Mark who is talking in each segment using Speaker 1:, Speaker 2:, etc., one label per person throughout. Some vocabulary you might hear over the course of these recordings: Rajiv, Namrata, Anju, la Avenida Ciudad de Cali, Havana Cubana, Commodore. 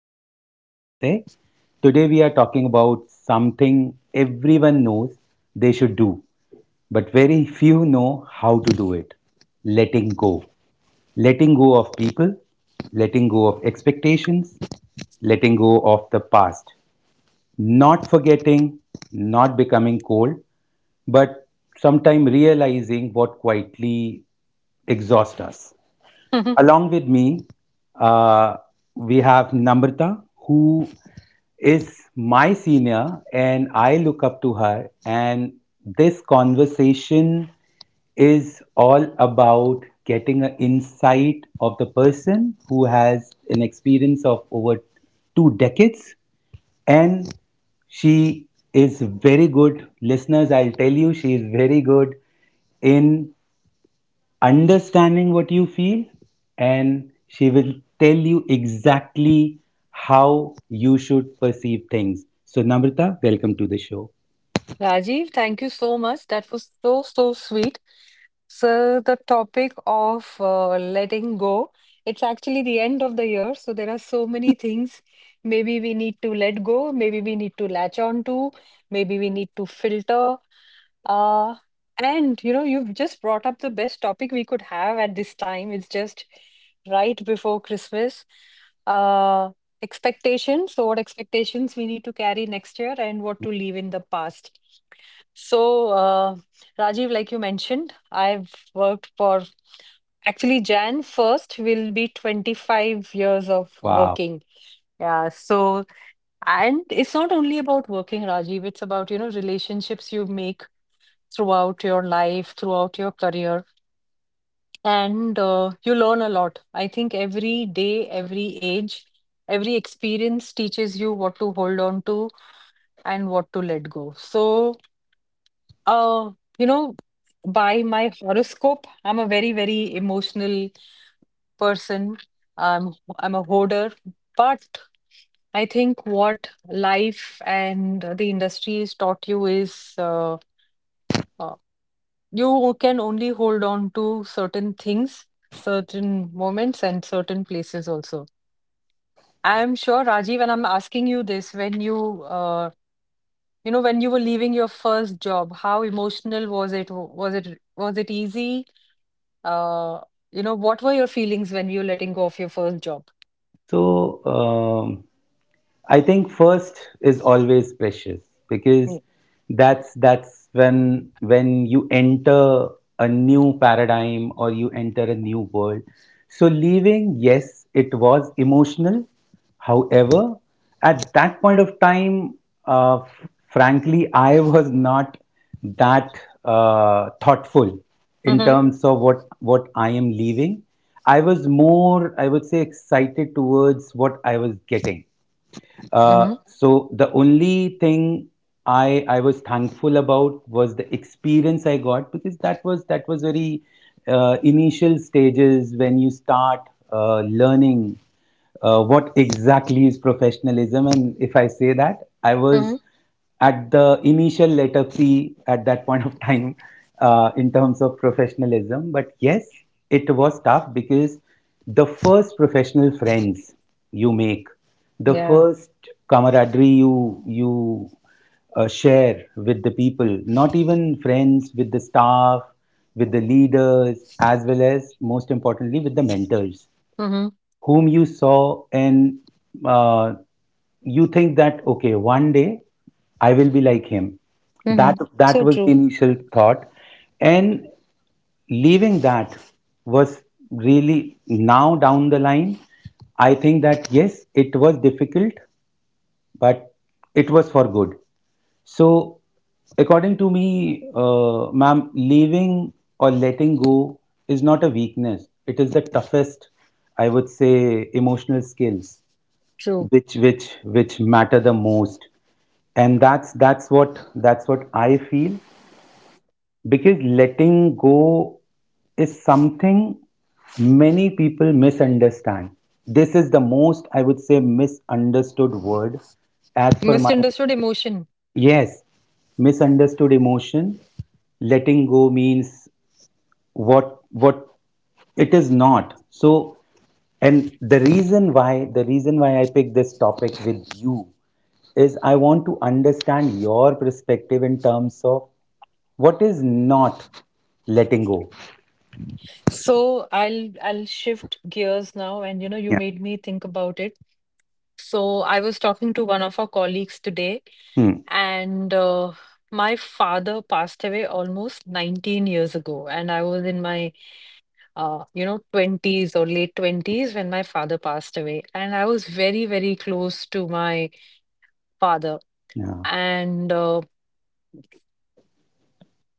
Speaker 1: conversation, I would say. Today we are talking about something everyone knows they should do, but very few know how to do it: letting go. Letting go of people, letting go of expectations, letting go of the past, not forgetting, not becoming cold, but sometime realizing what quietly exhausts us. Along with me, uh, we have Namrata, who is my senior, and I look up to her. And this conversation is all about getting an insight of the person who has an experience of over 2 decades, and she is very good listeners, I'll tell you, she is very good in understanding what you feel, and she will tell you exactly how you should perceive things. So, Namrata, welcome to the show.
Speaker 2: Rajiv, thank you so much. That was so, so sweet. So, the topic of letting go, it's actually the end of the year. So, there are so many things maybe we need to let go, maybe we need to latch on to, maybe we need to filter. Uh, you've just brought up the best topic we could have at this time. It's just right before Christmas. Uh, expectations. So, what expectations we need to carry next year and what to leave in the past. So, Rajiv, like you mentioned, I've worked for actually January 1st will be 25 years of
Speaker 1: Wow.
Speaker 2: working. Yeah, so, and it's not only about working, Rajiv, it's about, relationships you make throughout your life, throughout your career, and you learn a lot. I think every day, every age, every experience teaches you what to hold on to and what to let go. Uh, you know, by my horoscope, I'm a very, very emotional person. Um, I'm a hoarder, but I think what life and the industry has taught you is uh, you can only hold on to certain things, certain moments, and certain places also. I'm sure, Rajiv, and I'm asking you this when when you were leaving your first job, how emotional was it? Was it easy? Uh, what were your feelings when you letting go of your first job?
Speaker 1: So, I think first is always precious
Speaker 2: Mm.
Speaker 1: because that's when you enter a new paradigm or you enter a new world. So leaving, yes, it was emotional. However, at that point of time, frankly, I was not that thoughtful in
Speaker 2: Mm-hmm.
Speaker 1: terms of what I am leaving. I was more, I would say, excited towards what I was getting,
Speaker 2: Mm-hmm.
Speaker 1: so the only thing I was thankful about was the experience I got, because that was very initial stages when you start learning what exactly is professionalism, and if I say that I
Speaker 2: Mm-hmm.
Speaker 1: was at the initial letter P at that point of time in terms of professionalism. But yes, it was tough because the first professional friends you make, the
Speaker 2: Yeah.
Speaker 1: first camaraderie you share with the people, not even friends, with the staff, with the leaders, as well as most importantly with the mentors
Speaker 2: Mm-hmm.
Speaker 1: whom you saw, and uh, you think that okay one day I will be like him.
Speaker 2: Mm-hmm.
Speaker 1: That
Speaker 2: So
Speaker 1: was
Speaker 2: true.
Speaker 1: the initial thought, and leaving that was really, now down the line, I think that yes, it was difficult, but it was for good. So, according to me, ma'am, leaving or letting go is not a weakness. It is the toughest, I would say, emotional skills
Speaker 2: True.
Speaker 1: which matter the most, and that's what I feel, because letting go is something many people misunderstand. This is the most, I would say, misunderstood word as per my.
Speaker 2: Misunderstood emotion.
Speaker 1: Yes, misunderstood emotion. Letting go means what it is not. So, and the reason why I picked this topic with you is I want to understand your perspective in terms of what is not letting go.
Speaker 2: So I'll shift gears now, and you know, you
Speaker 1: Yeah.
Speaker 2: made me think about it. So I was talking to one of our colleagues today,
Speaker 1: Hmm.
Speaker 2: and my father passed away almost 19 years ago, and I was in my 20s or late 20s when my father passed away. And I was very, very close to my father.
Speaker 1: Yeah.
Speaker 2: And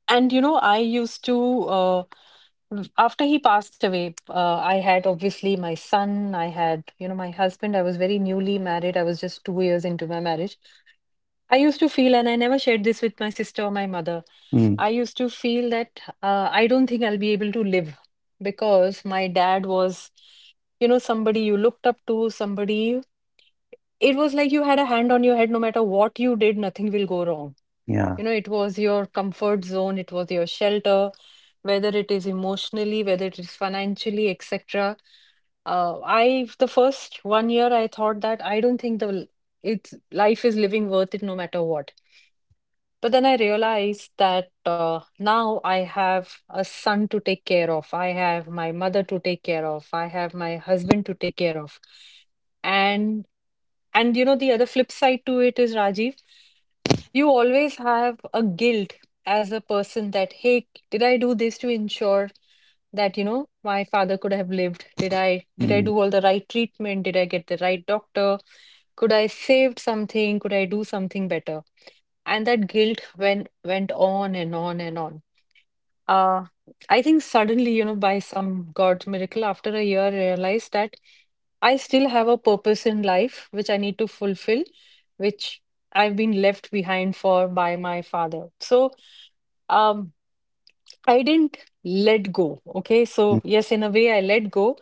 Speaker 2: I used to after he passed away, I had obviously my son, I had, my husband. I was very newly married. I was just 2 years into my marriage. I used to feel, and I never shared this with my sister or my mother.
Speaker 1: Hmm.
Speaker 2: I used to feel that I don't think I'll be able to live because my dad was, you know, somebody you looked up to, somebody. It was like you had a hand on your head, no matter what you did, nothing will go wrong.
Speaker 1: Yeah.
Speaker 2: You know, it was your comfort zone, it was your shelter, whether it is emotionally, whether it is financially, etc. The first one year, I thought that I don't think it's life is living worth it no matter what. But then I realized that now I have a son to take care of. I have my mother to take care of. I have my husband to take care of. And you know the other flip side to it is Rajiv. You always have a guilt as a person that, hey, did I do this to ensure that, you know, my father could have lived? Did I
Speaker 1: Hmm.
Speaker 2: do all the right treatment? Did I get the right doctor? Could I saved something? Could I do something better? And that guilt went on and on and on. Uh, I think suddenly, you know, by some God miracle, after a year, I realized that I still have a purpose in life which I need to fulfill, which I've been left behind for by my father. So, um, I didn't let go. Okay.
Speaker 1: Hmm.
Speaker 2: So, yes, in a way, I let go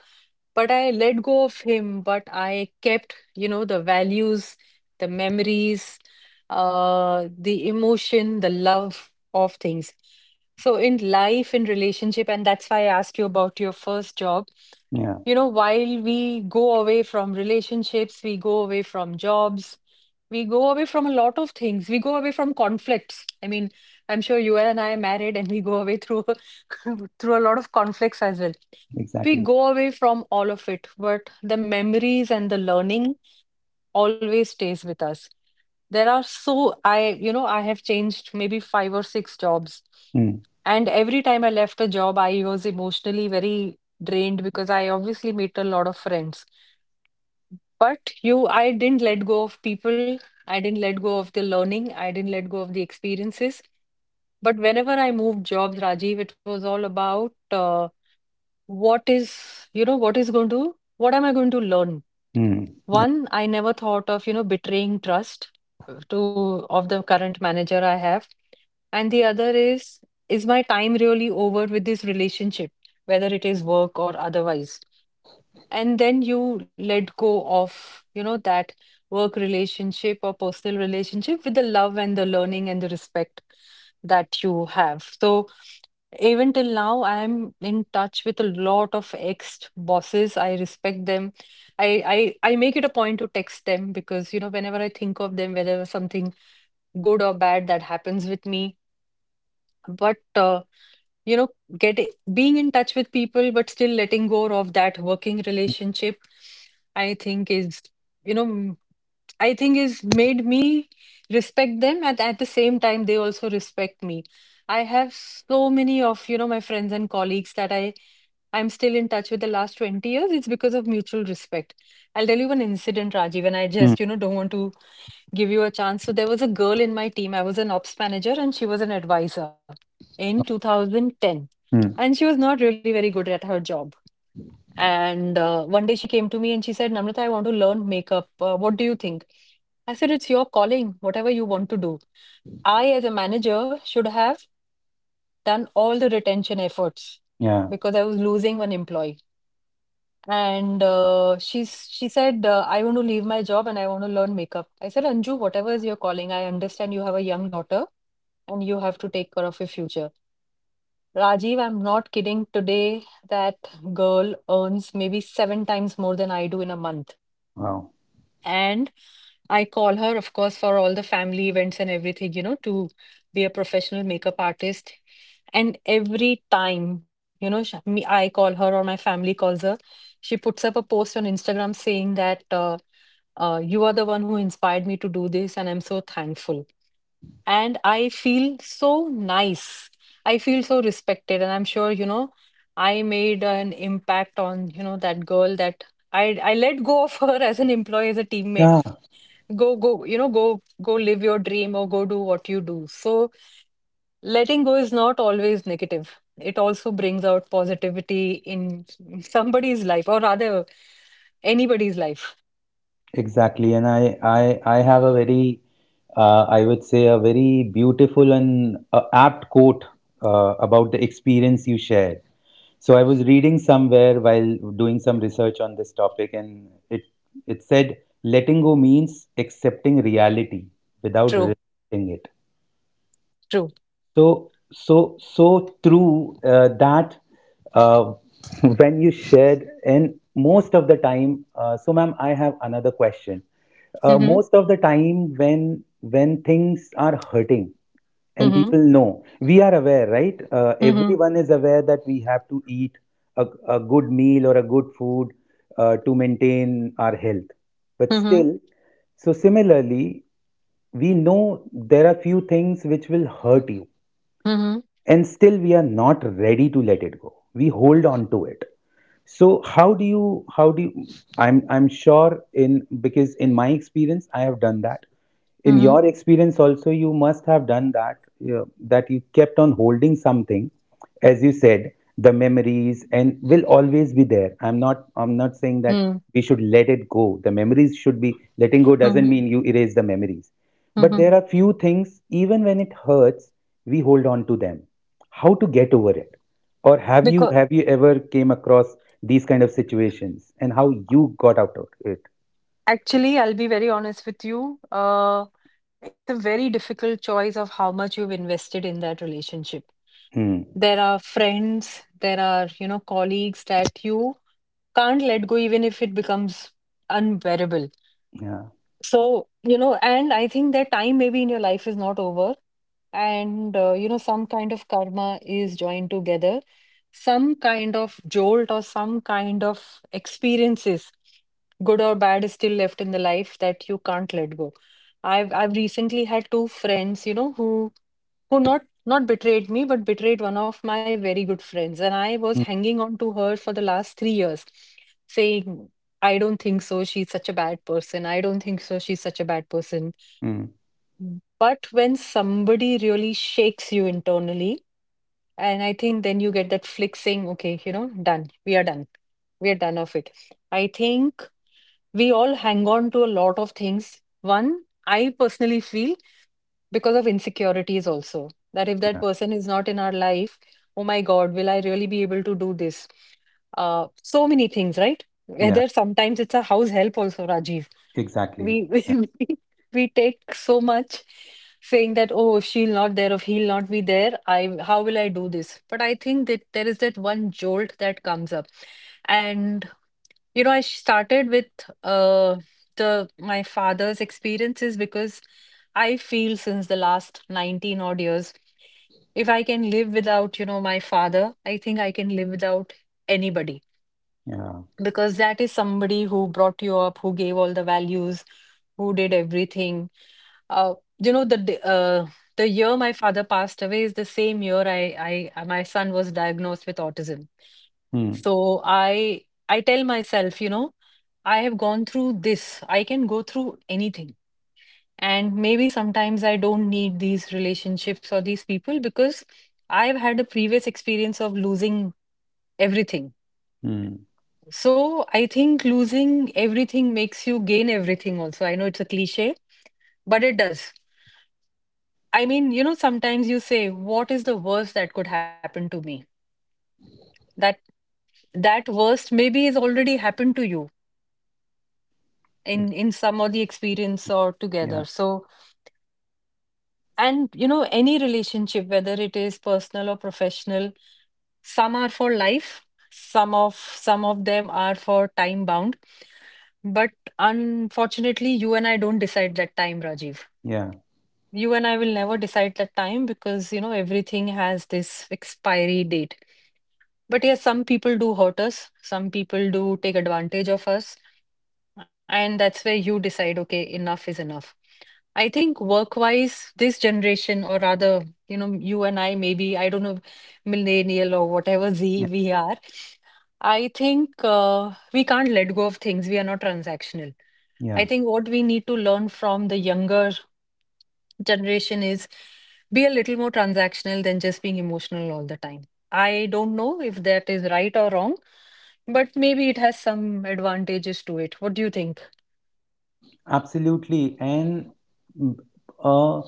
Speaker 2: but I let go of him, but I kept, you know, the values, the memories, the emotion, the love of things. So in life, in relationship, and that's why I asked you about your first job.
Speaker 1: Yeah.
Speaker 2: You know, while we go away from relationships, we go away from jobs, we go away from a lot of things. We go away from conflicts. I mean, I'm sure you and I are married and we go away through through a lot of conflicts as well. We
Speaker 1: Exactly.
Speaker 2: go away from all of it, but the memories and the learning always stays with us. There are I have changed maybe five or six jobs.
Speaker 1: Hmm.
Speaker 2: And every time I left a job, I was emotionally very drained because I obviously made a lot of friends. I didn't let go of people. I didn't let go of the learning. I didn't let go of the experiences. But whenever I moved jobs, Rajiv, it was all about what is, you know, what is going to, what am I going to learn?
Speaker 1: Hmm. Yeah.
Speaker 2: One, I never thought of, you know, betraying trust to of the current manager I have. And the other is my time really over with this relationship, whether it is work or otherwise? And then you let go of, you know, that work relationship or personal relationship with the love and the learning and the respect that you have. So even till now I am in touch with a lot of ex bosses. I respect them. I make it a point to text them because you know whenever I think of them, whether something good or bad that happens with me. But you know get being in touch with people but still letting go of that working relationship, i think is you know I think is made me respect them, and at the same time they also respect me. I have so many of, you know, my friends and colleagues that I'm still in touch with the last 20 years. It's because of mutual respect. I'll tell you one incident, Rajiv, and I
Speaker 1: Hmm.
Speaker 2: just, you know, don't want to give you a chance. So there was a girl in my team. I was an ops manager and she was an advisor in 2010. And
Speaker 1: Hmm.
Speaker 2: she was not really very good at her job. And one day she came to me and she said, Namrata, I want to learn makeup. What do you think? I said, it's your calling, whatever you want to do. I, as a manager, should have done all the retention efforts
Speaker 1: Yeah.
Speaker 2: because I was losing one employee. And she said, I want to leave my job and I want to learn makeup. I said, Anju, whatever is your calling, I understand you have a young daughter and you have to take care of your future. Rajiv, I'm not kidding. Today, that girl earns maybe seven times more than I do in a month.
Speaker 1: Wow.
Speaker 2: And I call her, of course, for all the family events and everything, you know, to be a professional makeup artist. And every time, you know, I call her or my family calls her, she puts up a post on Instagram saying that you are the one who inspired me to do this, and I'm so thankful. And I feel so nice. I feel so respected, and I'm sure, you know, I made an impact on, you know, that girl that I let go of her as an employee, as a teammate.
Speaker 1: Yeah.
Speaker 2: Go, go, you know, go, go, live your dream or go do what you do. So letting go is not always negative. It also brings out positivity in somebody's life or rather anybody's life.
Speaker 1: Exactly, and I have a very, I would say, a very beautiful and apt quote about the experience you shared. So I was reading somewhere while doing some research on this topic, and it said letting go means accepting reality without
Speaker 2: True.
Speaker 1: resisting it.
Speaker 2: True.
Speaker 1: So, so, so true, that uh, when you shared. And most of the time, so ma'am, I have another question.
Speaker 2: Mm-hmm.
Speaker 1: Most of the time, when things are hurting, and
Speaker 2: Mm-hmm.
Speaker 1: people know we are aware, right,
Speaker 2: Mm-hmm.
Speaker 1: everyone is aware that we have to eat a good meal or a good food to maintain our health, but
Speaker 2: Mm-hmm.
Speaker 1: still, so similarly, we know there are few things which will hurt you,
Speaker 2: Mm-hmm.
Speaker 1: and still we are not ready to let it go, we hold on to it. So how do you, how do you, I'm sure, in because in my experience I have done that, in
Speaker 2: Mm-hmm.
Speaker 1: your experience also you must have done that, you know, that you kept on holding something, as you said, the memories and will always be there, I'm not saying that
Speaker 2: Mm-hmm.
Speaker 1: we should let it go, the memories should be, letting go doesn't mean you erase the memories, but
Speaker 2: Mm-hmm.
Speaker 1: there are few things even when it hurts we hold on to them. How to get over it, or have you
Speaker 2: Because
Speaker 1: have you ever came across these kind of situations, and how you got out of it?
Speaker 2: actually I'll be very honest with you. It's a very difficult choice of how much you've invested in that relationship.
Speaker 1: Hmm.
Speaker 2: There are friends, there are, you know, colleagues that you can't let go even if it becomes unbearable.
Speaker 1: Yeah.
Speaker 2: So, you know, and I think that time maybe in your life is not over. And, you know, some kind of karma is joined together, some kind of jolt or some kind of experiences, good or bad, is still left in the life that you can't let go. I've recently had two friends, you know, who not betrayed me, but betrayed one of my very good friends. And I was
Speaker 1: Hmm.
Speaker 2: hanging on to her for the last 3 years, saying I don't think so. She's such a bad person. I don't think so. She's such a bad person.
Speaker 1: Hmm.
Speaker 2: But when somebody really shakes you internally, and I think then you get that flick saying, okay, you know, done. We are done. We are done of it. I think we all hang on to a lot of things. One, I personally feel because of insecurities also that if that
Speaker 1: Yeah.
Speaker 2: person is not in our life, oh my god, will I really be able to do this? So many things, right?
Speaker 1: Yeah.
Speaker 2: Whether sometimes it's a house help also, Rajiv.
Speaker 1: Exactly.
Speaker 2: We
Speaker 1: Yeah.
Speaker 2: we take so much, saying that, oh, if she'll not there, if he'll not be there, I, how will I do this? But I think that there is that one jolt that comes up. And. You know, I started with uh, the my father's experiences because I feel since the last 19 odd years, if I can live without, you know, my father, I think I can live without anybody,
Speaker 1: Yeah.
Speaker 2: because that is somebody who brought you up, who gave all the values, who did everything. You know, the year my father passed away is the same year I my son was diagnosed with autism.
Speaker 1: Hmm.
Speaker 2: So I tell myself, you know, I have gone through this. I can go through anything. And maybe sometimes I don't need these relationships or these people because I've had a previous experience of losing everything.
Speaker 1: Hmm.
Speaker 2: So I think losing everything makes you gain everything also. I know it's a cliche, but it does. I mean, you know, sometimes you say, what is the worst that could happen to me? That that worst maybe has already happened to you in
Speaker 1: Ex-
Speaker 2: some of the experience or together.
Speaker 1: Yeah.
Speaker 2: So, and you know, any relationship, whether it is personal or professional, some are for life, some of them are for time bound. But unfortunately, you and I don't decide that time, Rajiv.
Speaker 1: Yeah.
Speaker 2: You and I will never decide the time because, you know, everything has this expiry date. But yes, some people do hurt us, some people do take advantage of us, and that's where you decide, okay, enough is enough. I think work-wise, this generation, or rather, you know, you and I, maybe, I don't know, millennial or whatever Z
Speaker 1: Yeah.
Speaker 2: we are, I think we can't let go of things. We are not transactional. I
Speaker 1: Yeah.
Speaker 2: think what we need to learn from the younger generation is be a little more transactional than just being emotional all the time. I don't know if that is right or wrong, but maybe it has some advantages to it. What do you think?
Speaker 1: Absolutely. And mm, uh,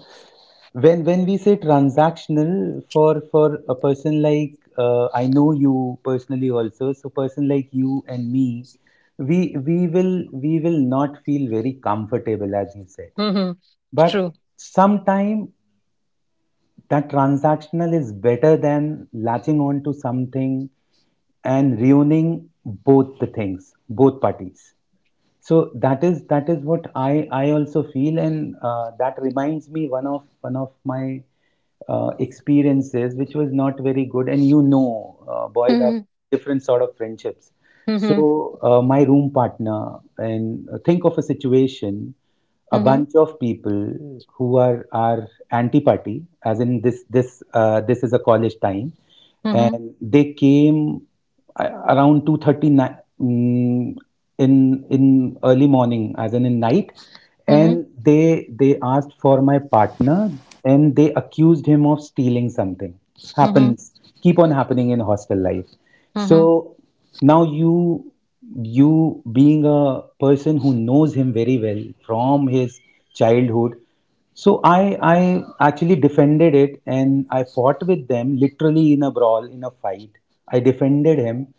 Speaker 1: when we say transactional for a person like I know you personally also, so person like you and me, we will not feel very comfortable as you said.
Speaker 2: Mm-hmm.
Speaker 1: But
Speaker 2: True.
Speaker 1: sometime that transactional is better than latching on to something and ruining both the things, both parties. So that is what I also feel, and that reminds me, one of my experiences which was not very good. And you know, boys have
Speaker 2: Mm-hmm.
Speaker 1: different sort of friendships.
Speaker 2: Mm-hmm.
Speaker 1: So, my room partner, and think of a situation, a
Speaker 2: Mm-hmm.
Speaker 1: bunch of people who are anti-party, as in this, this is a college time,
Speaker 2: Mm-hmm.
Speaker 1: and they came, around 2:30 in early morning, as in night,
Speaker 2: Mm-hmm.
Speaker 1: and they asked for my partner, and they accused him of stealing. Something
Speaker 2: Mm-hmm.
Speaker 1: happens, keep on happening in hostel life. So
Speaker 2: Mm-hmm.
Speaker 1: now, you being a person who knows him very well from his childhood, so I actually defended it, and I fought with them literally in a brawl, in a fight. I defended him,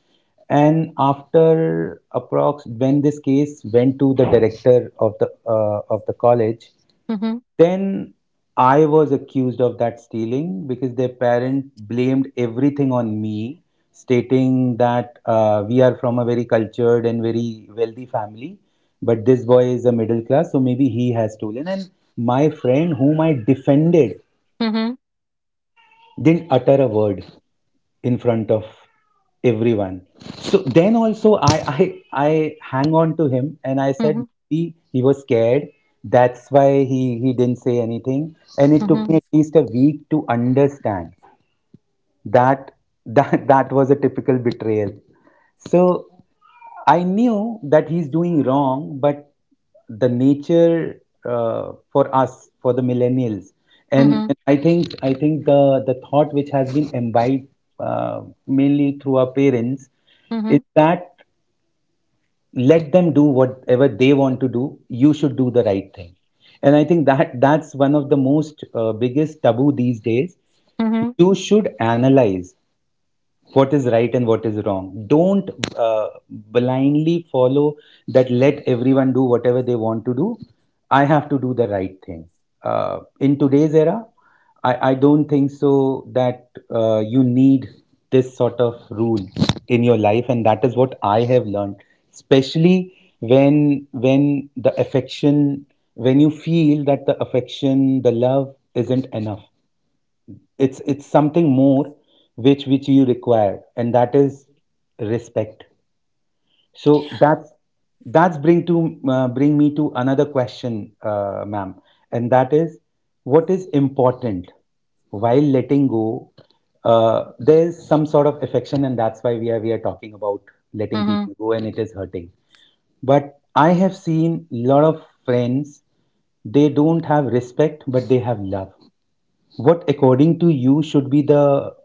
Speaker 1: and after approx, when this case went to the director of the college,
Speaker 2: Mm-hmm.
Speaker 1: then I was accused of that stealing, because their parent blamed everything on me, stating that, we are from a very cultured and very wealthy family, but this boy is a middle class, so maybe he has stolen. And my friend, whom I defended,
Speaker 2: Mm-hmm.
Speaker 1: didn't utter a word in front of everyone. So then also I hang on to him and I said,
Speaker 2: Mm-hmm.
Speaker 1: he was scared. That's why he didn't say anything. And it took me
Speaker 2: Mm-hmm.
Speaker 1: at least a week to understand that that was a typical betrayal. So I knew that he's doing wrong, but the nature, for us, for the millennials, and,
Speaker 2: Mm-hmm.
Speaker 1: and I think the thought which has been imbibed uh, mainly through our parents, is
Speaker 2: Mm-hmm.
Speaker 1: that let them do whatever they want to do, you should do the right thing. And I think that that's one of the most biggest taboo these days.
Speaker 2: Mm-hmm.
Speaker 1: You should analyze what is right and what is wrong. Don't blindly follow that let everyone do whatever they want to do. I have to do the right thing. In today's era, I don't think so that you need this sort of rule in your life, and that is what I have learned, especially when the affection, when you feel that the affection, the love isn't enough, it's something more which you require, and that is respect. So that's, bring me to another question, ma'am, and that is what is important while letting go. There is some sort of affection, and that's why we are talking about letting
Speaker 2: Mm-hmm.
Speaker 1: people go, and it is hurting. But I have seen lot of friends. They don't have respect, but they have love. What, according to you, should be the,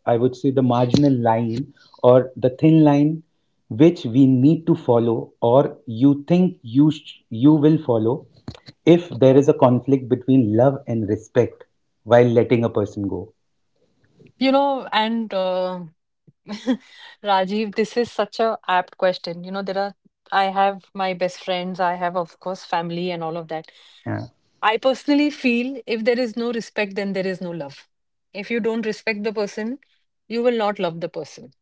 Speaker 1: I would say, the marginal line or the thin line which we need to follow, or you think you will follow, if there is a conflict between love and respect while letting a person go?
Speaker 2: You know, and Rajiv, this is such a apt question. You know, there are, I have my best friends, I have, of course, family and all of that.
Speaker 1: Yeah.
Speaker 2: I personally feel if there is no respect, then there is no love. If you don't respect the person, you will not love the person.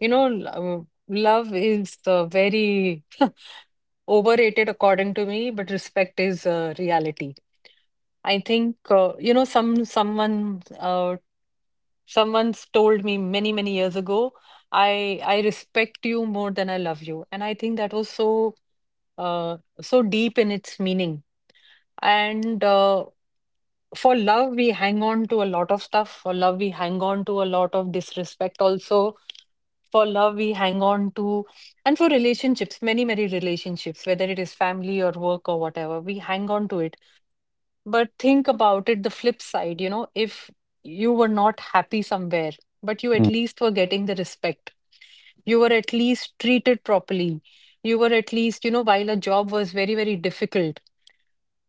Speaker 2: You know, love is very overrated according to me, but respect is reality. I think you know, someone someone's told me many, many years ago, I respect you more than I love you. And I think that was so so deep in its meaning. And for love, we hang on to a lot of stuff. For love, we hang on to a lot of disrespect also. For love, we hang on to, and for relationships, many, many relationships, whether it is family or work or whatever, we hang on to it. But think about it, the flip side, you know, if you were not happy somewhere, but you
Speaker 1: Mm.
Speaker 2: at least were getting the respect, you were at least treated properly, you were at least, you know, while a job was very, very difficult,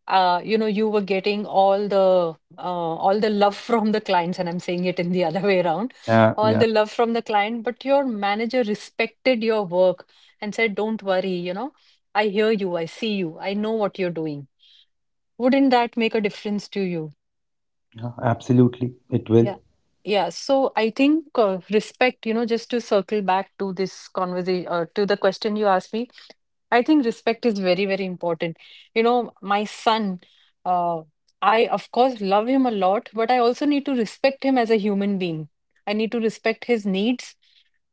Speaker 2: you know, you were getting all the love from the clients, and I'm saying it in the other way around,
Speaker 1: Yeah.
Speaker 2: all
Speaker 1: Yeah.
Speaker 2: the love from the client, but your manager respected your work and said, "Don't worry, you know, I hear you, I see you, I know what you're doing." Wouldn't that make a difference to you?
Speaker 1: Yeah, absolutely it will.
Speaker 2: Yeah. Yeah, so I think respect, you know, just to circle back to this conversation, to the question you asked me, I think respect is very, very important. You know, my son, uh, I of course love him a lot, but I also need to respect him as a human being. I need to respect his needs.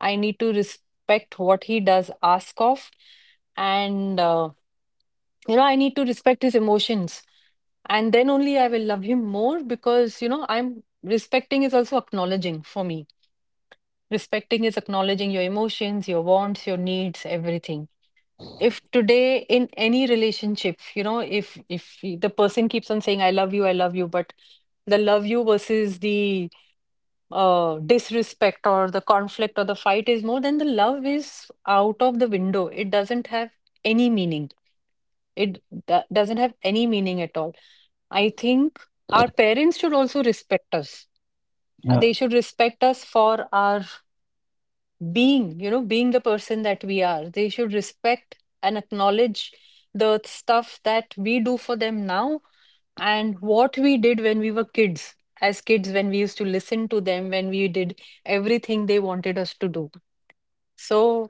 Speaker 2: I need to respect what he does ask of. And, you know, I need to respect his emotions. And then only I will love him more because, you know, I'm respecting is also acknowledging for me. Respecting is acknowledging your emotions, your wants, your needs, everything. If today in any relationship, you know, if the person keeps on saying, I love you, I love you, but the love you versus the disrespect or the conflict or the fight is more, then the love is out of the window. It doesn't have any meaning. It doesn't have any meaning at all. I think our parents should also respect us.
Speaker 1: Yeah.
Speaker 2: They should respect us for our being, you know, being the person that we are. They should respect and acknowledge the stuff that we do for them now and what we did when we were kids. As kids, when we used to listen to them, when we did everything they wanted us to do. So,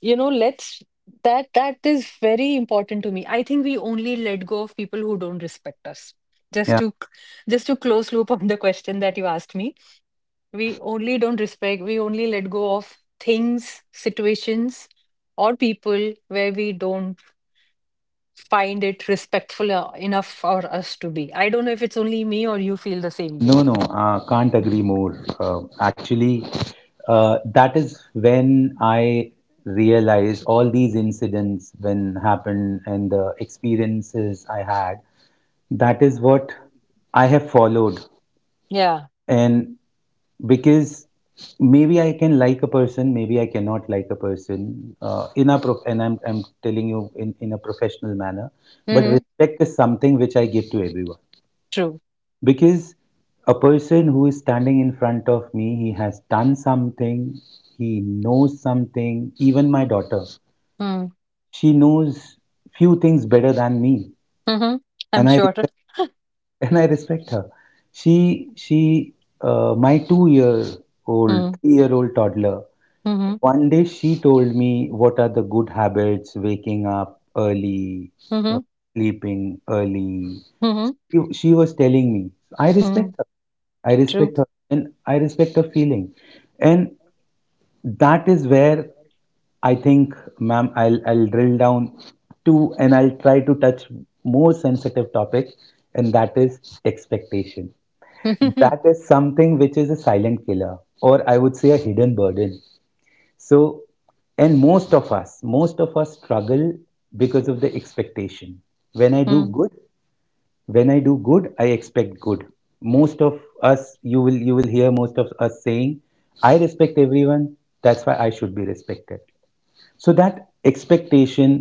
Speaker 2: you know, let's, that that is very important to me. I think we only let go of people who don't respect us. Just
Speaker 1: Yeah.
Speaker 2: to just to close loop on the question that you asked me, we only don't respect, we only let go of things, situations, or people where we don't find it respectful enough for us to be. I don't know if it's only me or you feel the same way.
Speaker 1: No, no, can't agree more. Actually, that is when I realized all these incidents when happened and the experiences I had. That is what I have followed,
Speaker 2: Yeah.
Speaker 1: and because maybe I can like a person, maybe I cannot like a person and I'm telling you in a professional manner. But
Speaker 2: Mm-hmm.
Speaker 1: respect is something which I give to everyone.
Speaker 2: True.
Speaker 1: Because a person who is standing in front of me, he has done something, he knows something. Even my daughter,
Speaker 2: Mm-hmm.
Speaker 1: she knows few things better than me,
Speaker 2: Mm-hmm. I'm
Speaker 1: and I
Speaker 2: sure.
Speaker 1: respect, and I respect her. She My 2-year old,
Speaker 2: Mm,
Speaker 1: 3-year old toddler.
Speaker 2: mm-hmm,
Speaker 1: One day she told me what are the good habits: waking up early, uh,
Speaker 2: mm-hmm,
Speaker 1: sleeping early.
Speaker 2: mm-hmm,
Speaker 1: She was telling me. I
Speaker 2: mm,
Speaker 1: respect I
Speaker 2: true.
Speaker 1: respect her and I respect her feeling. And that is where I think, ma'am, I'll drill down to, and I'll try to touch more sensitive topic, and that is expectation. That is something which is a silent killer, or I would say a hidden burden. So, and most of us struggle because of the expectation. When I do
Speaker 2: Mm.
Speaker 1: good, when I do good I expect good. Most of us, you will hear most of us saying I respect everyone, that's why I should be respected. So that expectation,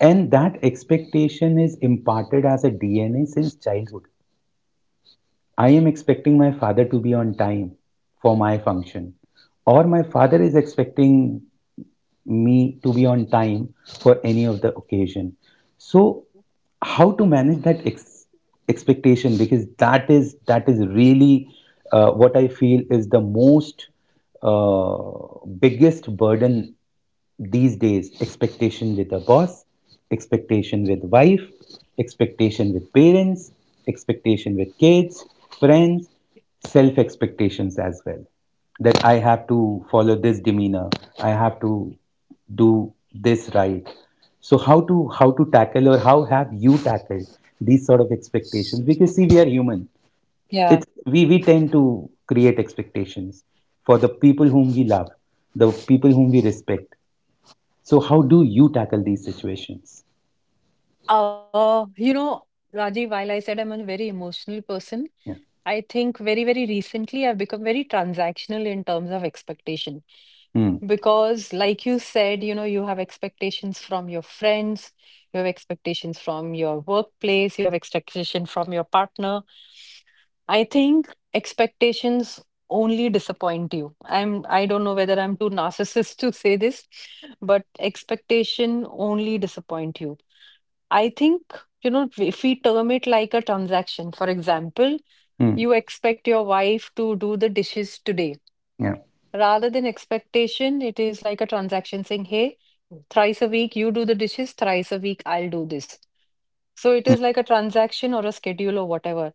Speaker 1: and that expectation is imparted as a DNA since childhood. I am expecting my father to be on time for my function, or my father is expecting me to be on time for any of the occasion. So how to manage that expectation, because that is really what I feel is the most biggest burden these days. Expectation with the boss, expectation with wife, expectation with parents, expectation with kids, friends, self expectations as well, that I have to follow this demeanor. I have to do this right. So how to tackle, or how have you tackled these sort of expectations? Because see, we are human. It's
Speaker 2: Yeah.
Speaker 1: we tend to create expectations for the people whom we love, the people whom we respect. So how do you tackle these situations?
Speaker 2: You know, Rajiv, while I said I'm a very emotional person,
Speaker 1: Yeah.
Speaker 2: I think very, very recently I've become very transactional in terms of expectation
Speaker 1: Hmm.
Speaker 2: because, like you said, you know, you have expectations from your friends, you have expectations from your workplace, you have expectation from your partner. I think expectations only disappoint you. I don't know whether I'm too narcissist to say this, but expectation only disappoint you. I think, you know, if we term it like a transaction, for example,
Speaker 1: Hmm.
Speaker 2: you expect your wife to do the dishes today.
Speaker 1: Yeah.
Speaker 2: Rather than expectation, it is like a transaction saying, hey, thrice a week you do the dishes, thrice a week I'll do this. So it is like a transaction or a schedule or whatever.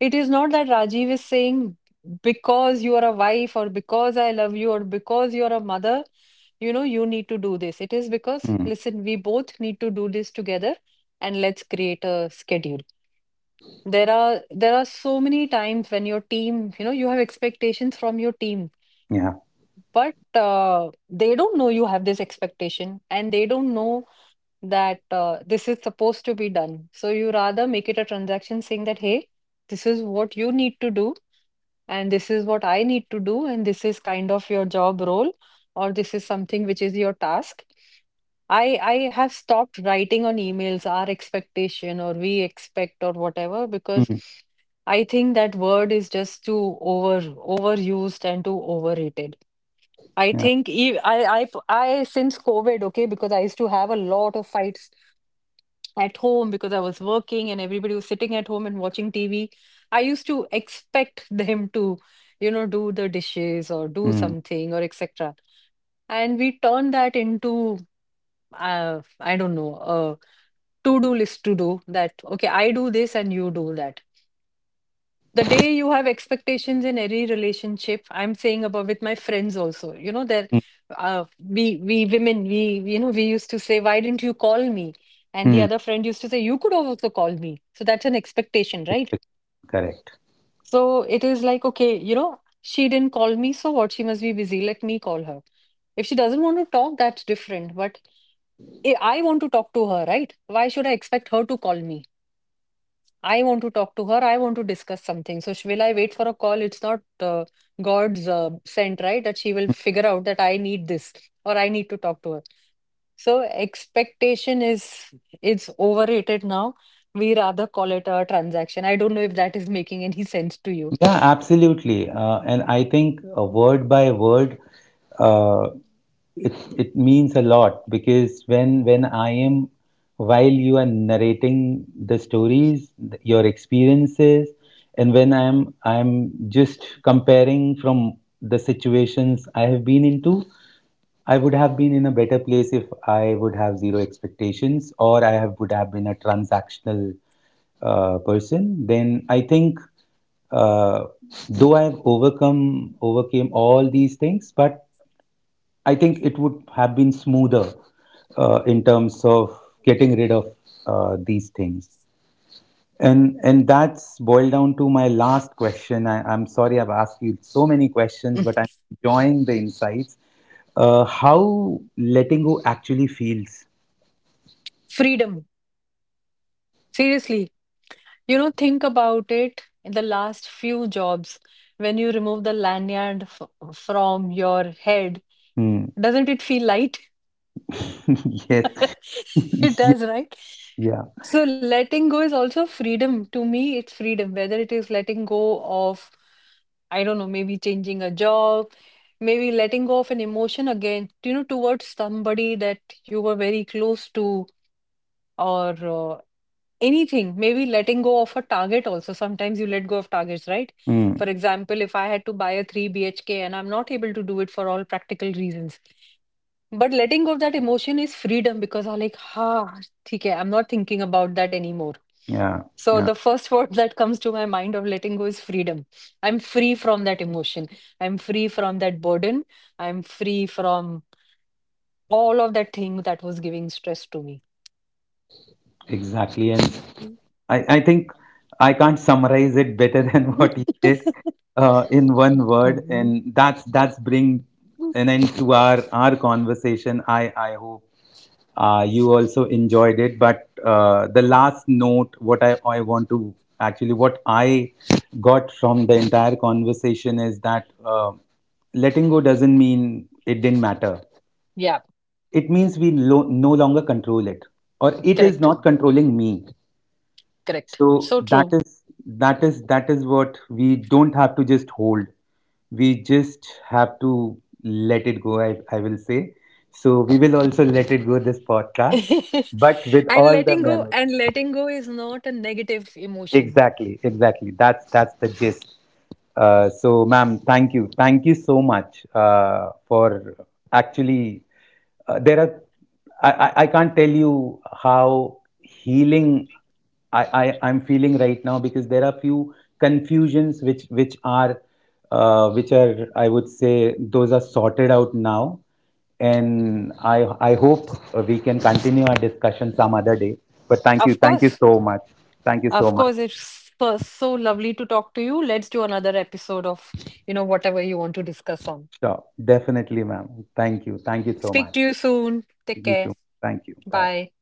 Speaker 2: It is not that Rajiv is saying, because you are a wife or because I love you or because you are a mother, you know, you need to do this. It is because,
Speaker 1: Hmm.
Speaker 2: listen, we both need to do this together and let's create a schedule. There are so many times when your team, you know, you have expectations from your team,
Speaker 1: Yeah.
Speaker 2: but they don't know you have this expectation, and they don't know that this is supposed to be done. So you rather make it a transaction saying that, hey, this is what you need to do and this is what I need to do, and this is kind of your job role, or this is something which is your task. I have stopped writing on emails our expectation or we expect or whatever because
Speaker 1: Hmm.
Speaker 2: I think that word is just too overused and too overrated. I
Speaker 1: Yeah.
Speaker 2: think I since COVID, okay, because I used to have a lot of fights at home because I was working and everybody was sitting at home and watching TV. I used to expect them to, you know, do the dishes or do
Speaker 1: Hmm.
Speaker 2: something or etc. And we turned that into, I don't know, a to-do list to do that. Okay, I do this and you do that. The day you have expectations in any relationship, I'm saying about with my friends also, you know, there,
Speaker 1: Hmm.
Speaker 2: uh, we we women, you know, we used to say, why didn't you call me? And the
Speaker 1: Hmm.
Speaker 2: other friend used to say, you could have also call me. So that's an expectation, right?
Speaker 1: Expect- Correct.
Speaker 2: So it is like, okay, you know, she didn't call me, so what, she must be busy, let me call her. If she doesn't want to talk, that's different, but I want to talk to her, right? Why should I expect her to call me? I want to talk to her. I want to discuss something. So will I wait for a call? It's not God's, sent, right? That she will figure out that I need this or I need to talk to her. So expectation is, it's overrated now. We rather call it a transaction. I don't know if that is making any sense to you.
Speaker 1: Yeah, absolutely. And I think word by word, uh, it it means a lot, because when I am, while you are narrating the stories, your experiences, and when I'm just comparing from the situations I have been into, I would have been in a better place if I would have zero expectations, or would have been a transactional person. Then I think, uh, though I've overcome overcame all these things, but I think it would have been smoother in terms of getting rid of these things. And that's boiled down to my last question. I'm sorry I've asked you so many questions, but I'm enjoying the insights. How letting go actually feels.
Speaker 2: Freedom. Seriously, you know, think about it. In the last few jobs, when you remove the lanyard from your head,
Speaker 1: Hmm.
Speaker 2: doesn't it feel light?
Speaker 1: Yes.
Speaker 2: It
Speaker 1: Yeah.
Speaker 2: does, right?
Speaker 1: Yeah.
Speaker 2: So letting go is also freedom. To me, it's freedom, whether it is letting go of, I don't know, maybe changing a job, maybe letting go of an emotion again, you know, towards somebody that you were very close to, or? Anything, maybe letting go of a target also. Sometimes you let go of targets, right? For
Speaker 1: Hmm.
Speaker 2: example, if I had to buy a 3 BHK and I'm not able to do it for all practical reasons, but letting go of that emotion is freedom because I'm like, ha, okay, I'm not thinking about that anymore.
Speaker 1: Yeah.
Speaker 2: So
Speaker 1: Yeah.
Speaker 2: the first word that comes to my mind of letting go is freedom. I'm free from that emotion. I'm free from that burden. I'm free from all of that thing that was giving stress to me.
Speaker 1: Exactly. And I think I can't summarize it better than what you did in one word,
Speaker 2: Mhm.
Speaker 1: and that's bring an end to our conversation. I hope you also enjoyed it. But the last note, what I want to actually, what I got from the entire conversation is that, letting go doesn't mean it didn't matter.
Speaker 2: Yeah,
Speaker 1: It means we no longer control it, or it is
Speaker 2: correct,
Speaker 1: not controlling me,
Speaker 2: correct.
Speaker 1: so
Speaker 2: So
Speaker 1: that
Speaker 2: true.
Speaker 1: is that is that is what we don't have to just hold. We just have to let it go, I will say. So we will also let it go this podcast, but with all the
Speaker 2: And
Speaker 1: memories.
Speaker 2: letting go is not a negative emotion.
Speaker 1: Exactly, exactly. That's the gist. So, ma'am, thank you so much for actually. There are, I can't tell you how healing I'm feeling right now, because there are few confusions which are which are, I would say, those are sorted out now, and I hope we can continue our discussion some other day. But
Speaker 2: Of
Speaker 1: thank you
Speaker 2: course,
Speaker 1: so much, thank you so
Speaker 2: of
Speaker 1: much.
Speaker 2: course, it's so, so lovely to talk to you. Let's do another episode of, you know, whatever you want to discuss on.
Speaker 1: Sure, definitely, ma'am. Thank you. Thank you so
Speaker 2: Speak
Speaker 1: much.
Speaker 2: to you soon. Take
Speaker 1: You
Speaker 2: care.
Speaker 1: too. Thank you. Bye.
Speaker 2: Bye.